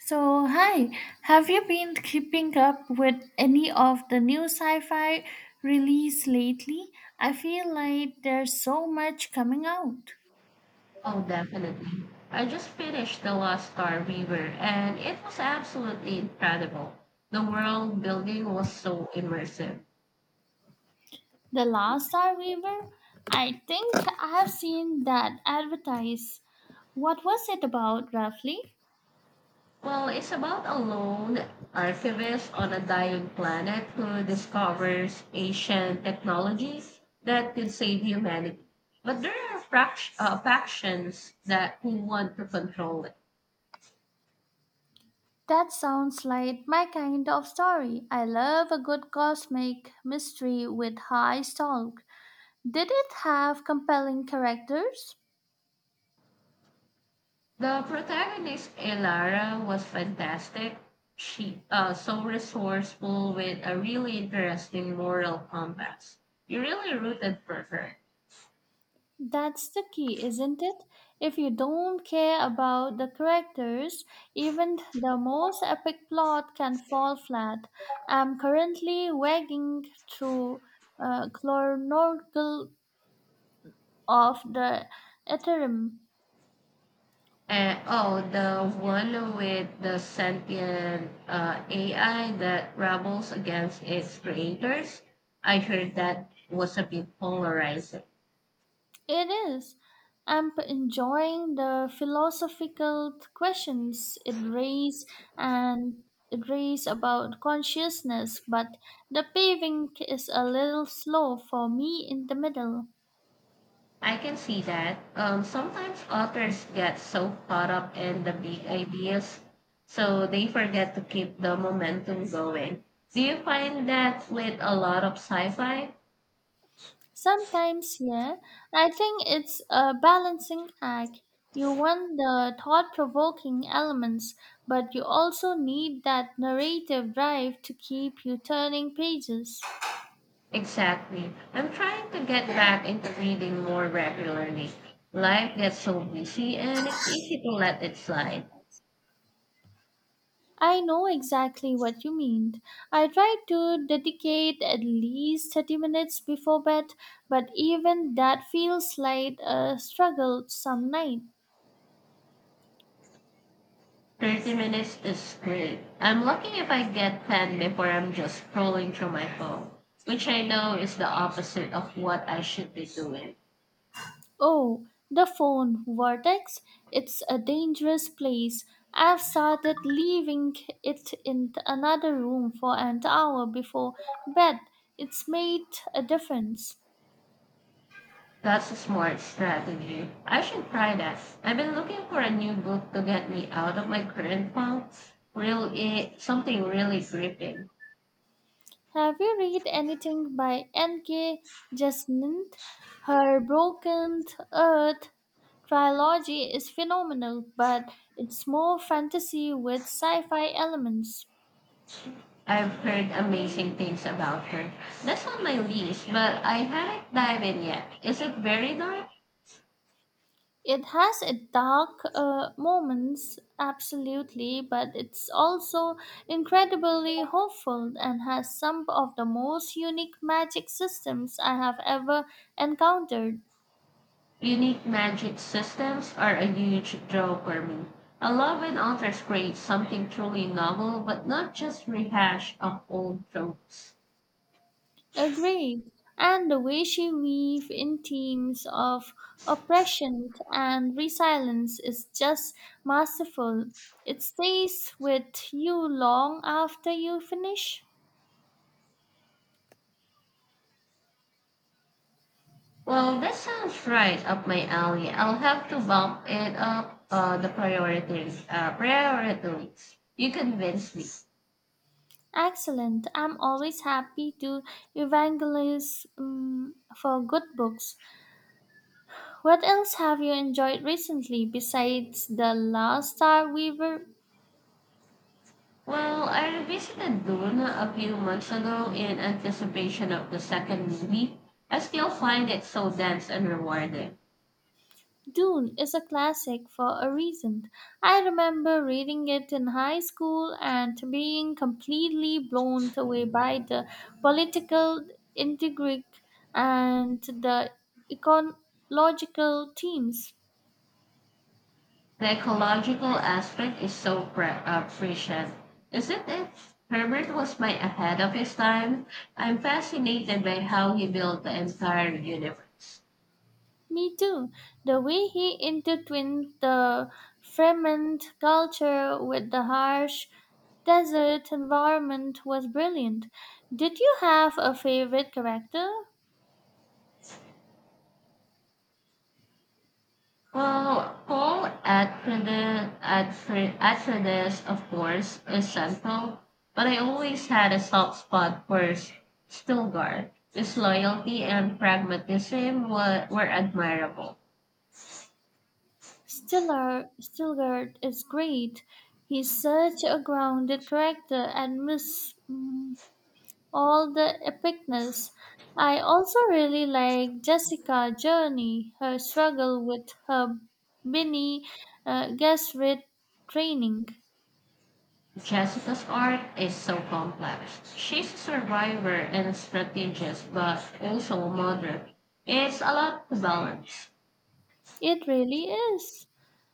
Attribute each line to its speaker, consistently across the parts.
Speaker 1: So, hi, have you been keeping up with any of the new sci fi release lately? I feel like there's so much coming out.
Speaker 2: Oh, definitely. I just finished The Lost Star Weaver and it was absolutely incredible. The world building was so immersive.
Speaker 1: The Last Starweaver? I think I have seen that advertised. What was it about, roughly?
Speaker 2: Well, it's about a lone archivist on a dying planet who discovers ancient technologies that could save humanity. But there are factions that who want to control it.
Speaker 1: That sounds like my kind of story. I love a good cosmic mystery with high stakes. Did it have compelling characters?
Speaker 2: The protagonist, Elara, was fantastic. She So resourceful with a really interesting moral compass. You really rooted for her.
Speaker 1: That's the key, isn't it? If you don't care about the characters, even the most epic plot can fall flat. I'm currently wagging through Chlornorgle of the Ethereum.
Speaker 2: And oh, the one with the sentient AI that rebels against its creators. I heard that was a bit polarizing.
Speaker 1: It is. Enjoying the philosophical questions it raises and it raises about consciousness, but the paving is a little slow for me in the middle.
Speaker 2: I can see that. Sometimes authors get so caught up in the big ideas, so they forget to keep the momentum going. Do you find that with a lot of sci fi?
Speaker 1: Sometimes, yeah, I think it's a balancing act. You want the thought provoking elements, but you also need that narrative drive to keep you turning pages.
Speaker 2: Exactly. I'm trying to get back into reading more regularly. Life gets so busy and it's easy to let it slide.
Speaker 1: I know exactly what you mean. I try to dedicate at least 30 minutes before bed, but even that feels like a struggle some nights.
Speaker 2: 30 minutes is great. I'm lucky if I get 10 before I'm just scrolling through my phone, which I know is the opposite of what I should be doing.
Speaker 1: Oh, the phone vortex. It's a dangerous place. I've started leaving it in another room for an hour before bed. It's made a difference.
Speaker 2: That's a smart strategy. I should try that. I've been looking for a new book to get me out of my current funk. Something really gripping.
Speaker 1: Have you read anything by N.K. Jemisin? Her Broken Earth trilogy is phenomenal, but it's more fantasy with sci fi elements.
Speaker 2: I've heard amazing things about her. That's on my list, but I haven't dived in yet. Is it very dark?
Speaker 1: It has a dark moments, absolutely, but it's also incredibly hopeful and has some of the most unique magic systems I have ever encountered.
Speaker 2: Unique magic systems are a huge draw for me. I love when authors create something truly novel, but not just rehash of old tropes.
Speaker 1: Agreed. And the way she weave in themes of oppression and resilience is just masterful. It stays with you long after you finish.
Speaker 2: Well, that sounds right up my alley. I'll have to bump it up the priorities. You convinced me.
Speaker 1: Excellent. I'm always happy to evangelize for good books. What else have you enjoyed recently besides The Last Star Weaver?
Speaker 2: Well, I revisited Dune a few months ago in anticipation of the second movie. I still find it so dense and rewarding.
Speaker 1: Dune is a classic for a reason. I remember reading it in high school and being completely blown away by the political intrigue and the ecological themes.
Speaker 2: The ecological aspect is so prescient, isn't it? Herbert was my ahead of his time. I'm fascinated by how he built the entire universe.
Speaker 1: Me too. The way he intertwined the Fremont culture with the harsh desert environment was brilliant. Did you have a favorite character?
Speaker 2: Well, Paul Atreides, of course, is central, but I always had a soft spot for Stilgar. His loyalty and pragmatism were admirable.
Speaker 1: Stiller, Stilgard is great. He's such a grounded character and miss all the epicness. I also really like Jessica Journey, her struggle with her Benny Gesserit training.
Speaker 2: Jessica's art is so complex. She's a survivor and strategist, but also a mother. It's a lot to balance.
Speaker 1: It really is.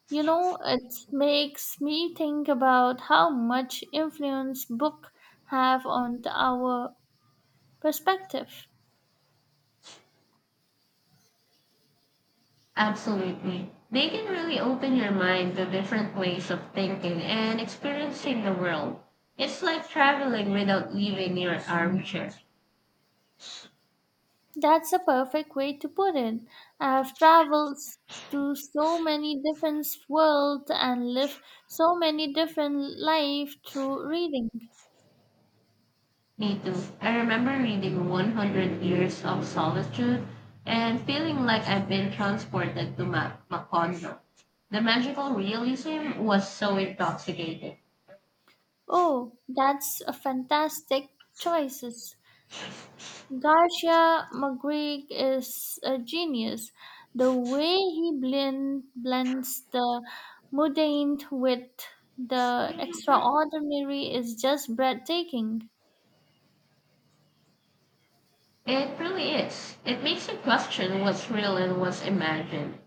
Speaker 1: You know, it makes me think about how much influence books have on our perspective.
Speaker 2: Absolutely. They can really open your mind to different ways of thinking and experiencing the world. It's like traveling without leaving your armchair.
Speaker 1: That's a perfect way to put it. I've traveled s- to so many different worlds and lived so many different lives through reading.
Speaker 2: Me too. I remember reading 100 Years of Solitude and feeling like I've been transported to Macondo. The magical realism was so intoxicating.
Speaker 1: Oh, that's a fantastic choices. Garcia Magritte is a genius. The way blends the mundane with the extraordinary is just breathtaking.
Speaker 2: It really is. It makes you question what's real and what's imagined.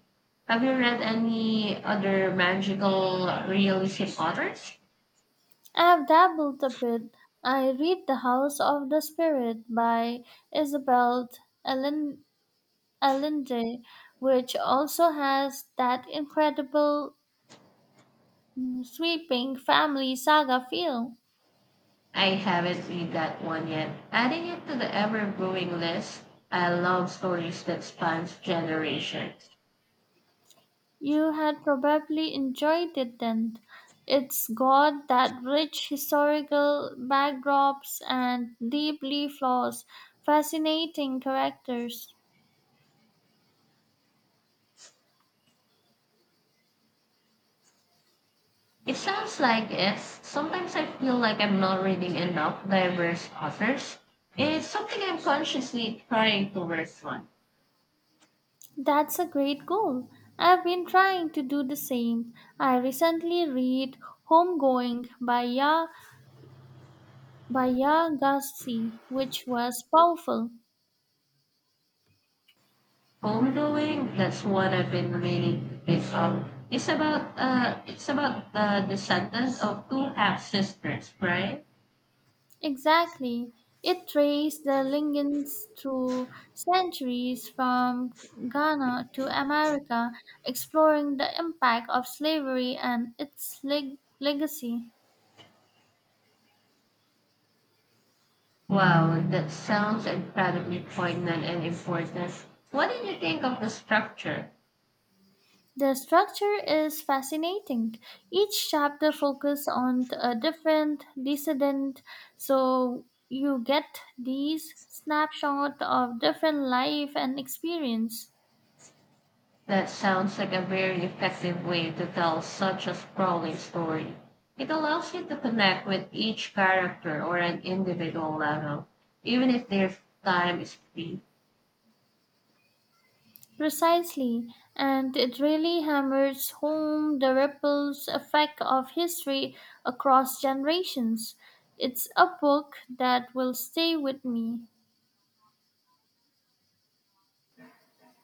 Speaker 2: Have you read any other magical realism authors?
Speaker 1: I have dabbled a bit. I read The House of the Spirit by Isabel Allen- Allende, which also has that incredible sweeping family saga feel.
Speaker 2: I haven't read that one yet. Adding it to the ever growing list, I love stories that spans generations.
Speaker 1: You had probably enjoyed it then. It's got that rich historical backdrops and deeply flawed, fascinating characters.
Speaker 2: It sounds like it's sometimes I feel like I'm not reading enough diverse authors. It's something I'm consciously trying to work on.
Speaker 1: That's a great goal. I've been trying to do the same. I recently read Homegoing by Ya Gassi, which was powerful.
Speaker 2: Homebrewing, that's what I've been meaning to pick up. It's about the descendants of two half sisters, right?
Speaker 1: Exactly. It traced the lineage through centuries from Ghana to America, exploring the impact of slavery and legacy.
Speaker 2: Wow, that sounds incredibly poignant and important. What did you think of the structure?
Speaker 1: The structure is fascinating. Each chapter focuses on a different descendant, so you get these snapshots of different life and experience.
Speaker 2: That sounds like a very effective way to tell such a sprawling story. It allows you to connect with each character or an individual level, even if their time is brief.
Speaker 1: Precisely, and it really hammers home the ripples effect of history across generations. It's a book that will stay with me.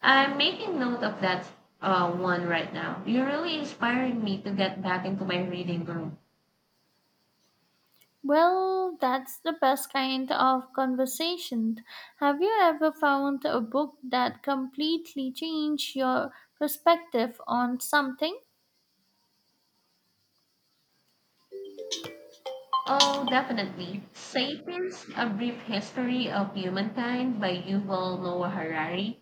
Speaker 2: I'm making note of that one right now. You're really inspiring me to get back into my reading room.
Speaker 1: Well, that's the best kind of conversation. Have you ever found a book that completely changed your perspective on something?
Speaker 2: Oh, definitely. Sapiens, A Brief History of Humankind by Yuval Noah Harari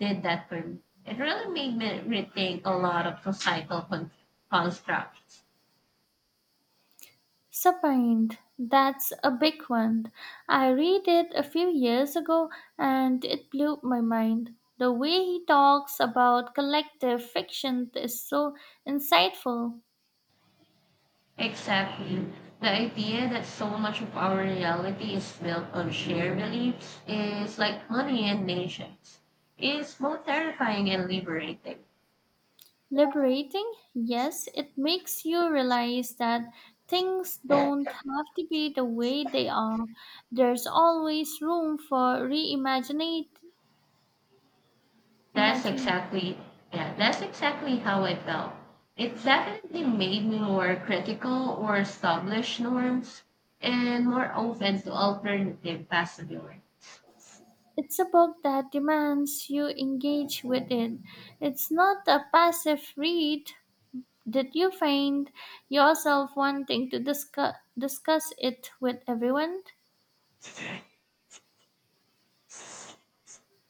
Speaker 2: did that for me. It really made me rethink a lot of societal constructs.
Speaker 1: Submarine, that's a big one. I read it a few years ago and it blew my mind. The way he talks about collective fiction is so insightful.
Speaker 2: Exactly. The idea that so much of our reality is built on shared beliefs is like honey and nations. It's both terrifying and liberating.
Speaker 1: Liberating, yes, it makes you realize that things don't have to be the way they are. There's always room for reimagining.
Speaker 2: That's exactly, yeah, that's exactly how I felt. It definitely made me more critical or established norms and more open to alternative possibilities.
Speaker 1: It's a book that demands you engage with it. It's not a passive read. Did you find yourself wanting to discuss it with everyone?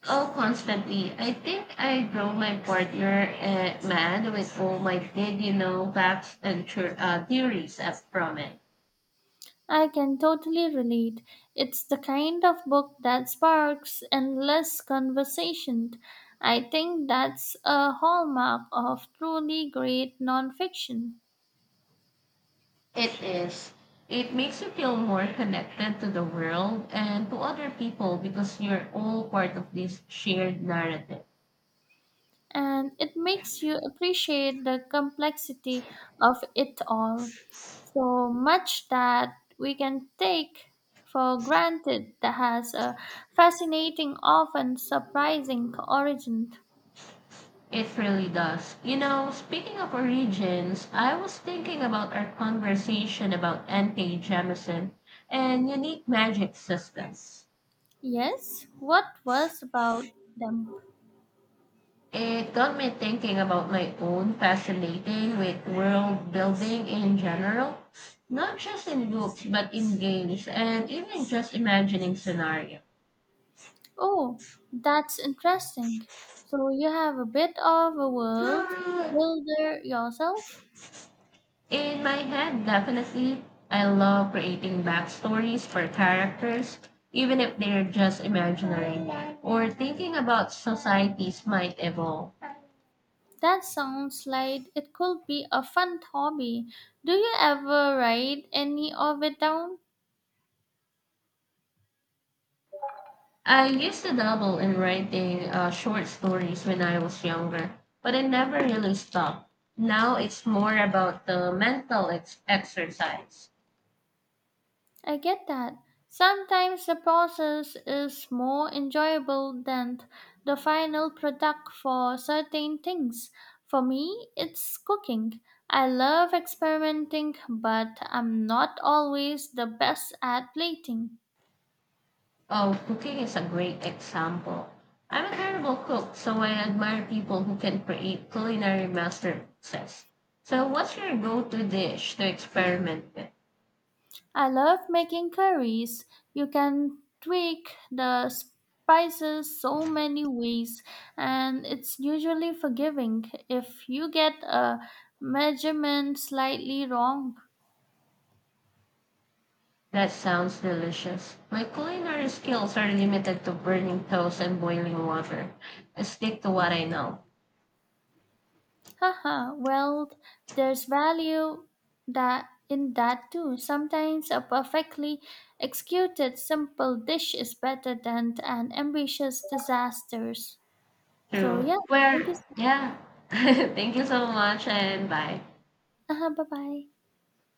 Speaker 2: Oh, constantly. I think I drove my partner mad with all my did you know facts and theories up from it.
Speaker 1: I can totally relate. It's the kind of book that sparks endless conversation. I think that's a hallmark of truly great nonfiction.
Speaker 2: It is. It makes you feel more connected to the world and to other people because you're all part of this shared narrative.
Speaker 1: And it makes you appreciate the complexity of it all. So much that we can take for granted that has a fascinating, often surprising origin.
Speaker 2: It really does. You know, speaking of origins, I was thinking about our conversation about N.K. Jemisin and unique magic systems.
Speaker 1: Yes, what was about them?
Speaker 2: It got me thinking about my own fascinating with world building in general, not just in books, but in games and even just imagining scenarios.
Speaker 1: Oh, that's interesting. So you have a bit of a world builder yourself?
Speaker 2: In my head, definitely, I love creating backstories for characters, even if they're just imaginary, or thinking about societies might evolve.
Speaker 1: That sounds like it could be a fun hobby. Do you ever write any of it down?
Speaker 2: I used to dabble in writing short stories when I was younger, but I never really stopped. Now it's more about the mental exercise.
Speaker 1: I get that. Sometimes the process is more enjoyable than the final product for certain things. For me, it's cooking. I love experimenting, but I'm not always the best at plating.
Speaker 2: Oh, cooking is a great example. I'm a terrible cook, so I admire people who can create culinary masterpieces. So, what's your go-to dish to experiment with?
Speaker 1: I love making curries. You can tweak the spices so many ways, and it's usually forgiving if you get a measurement slightly wrong.
Speaker 2: That sounds delicious. My culinary skills are limited to burning toast and boiling water. I stick to what I know.
Speaker 1: Haha, well, there's value that in that too. Sometimes a perfectly executed simple dish is better than an ambitious disasters. So
Speaker 2: True.
Speaker 1: yeah,
Speaker 2: Where,
Speaker 1: thank you. So-
Speaker 2: yeah. Thank you so much and bye.
Speaker 1: uh-huh, bye bye.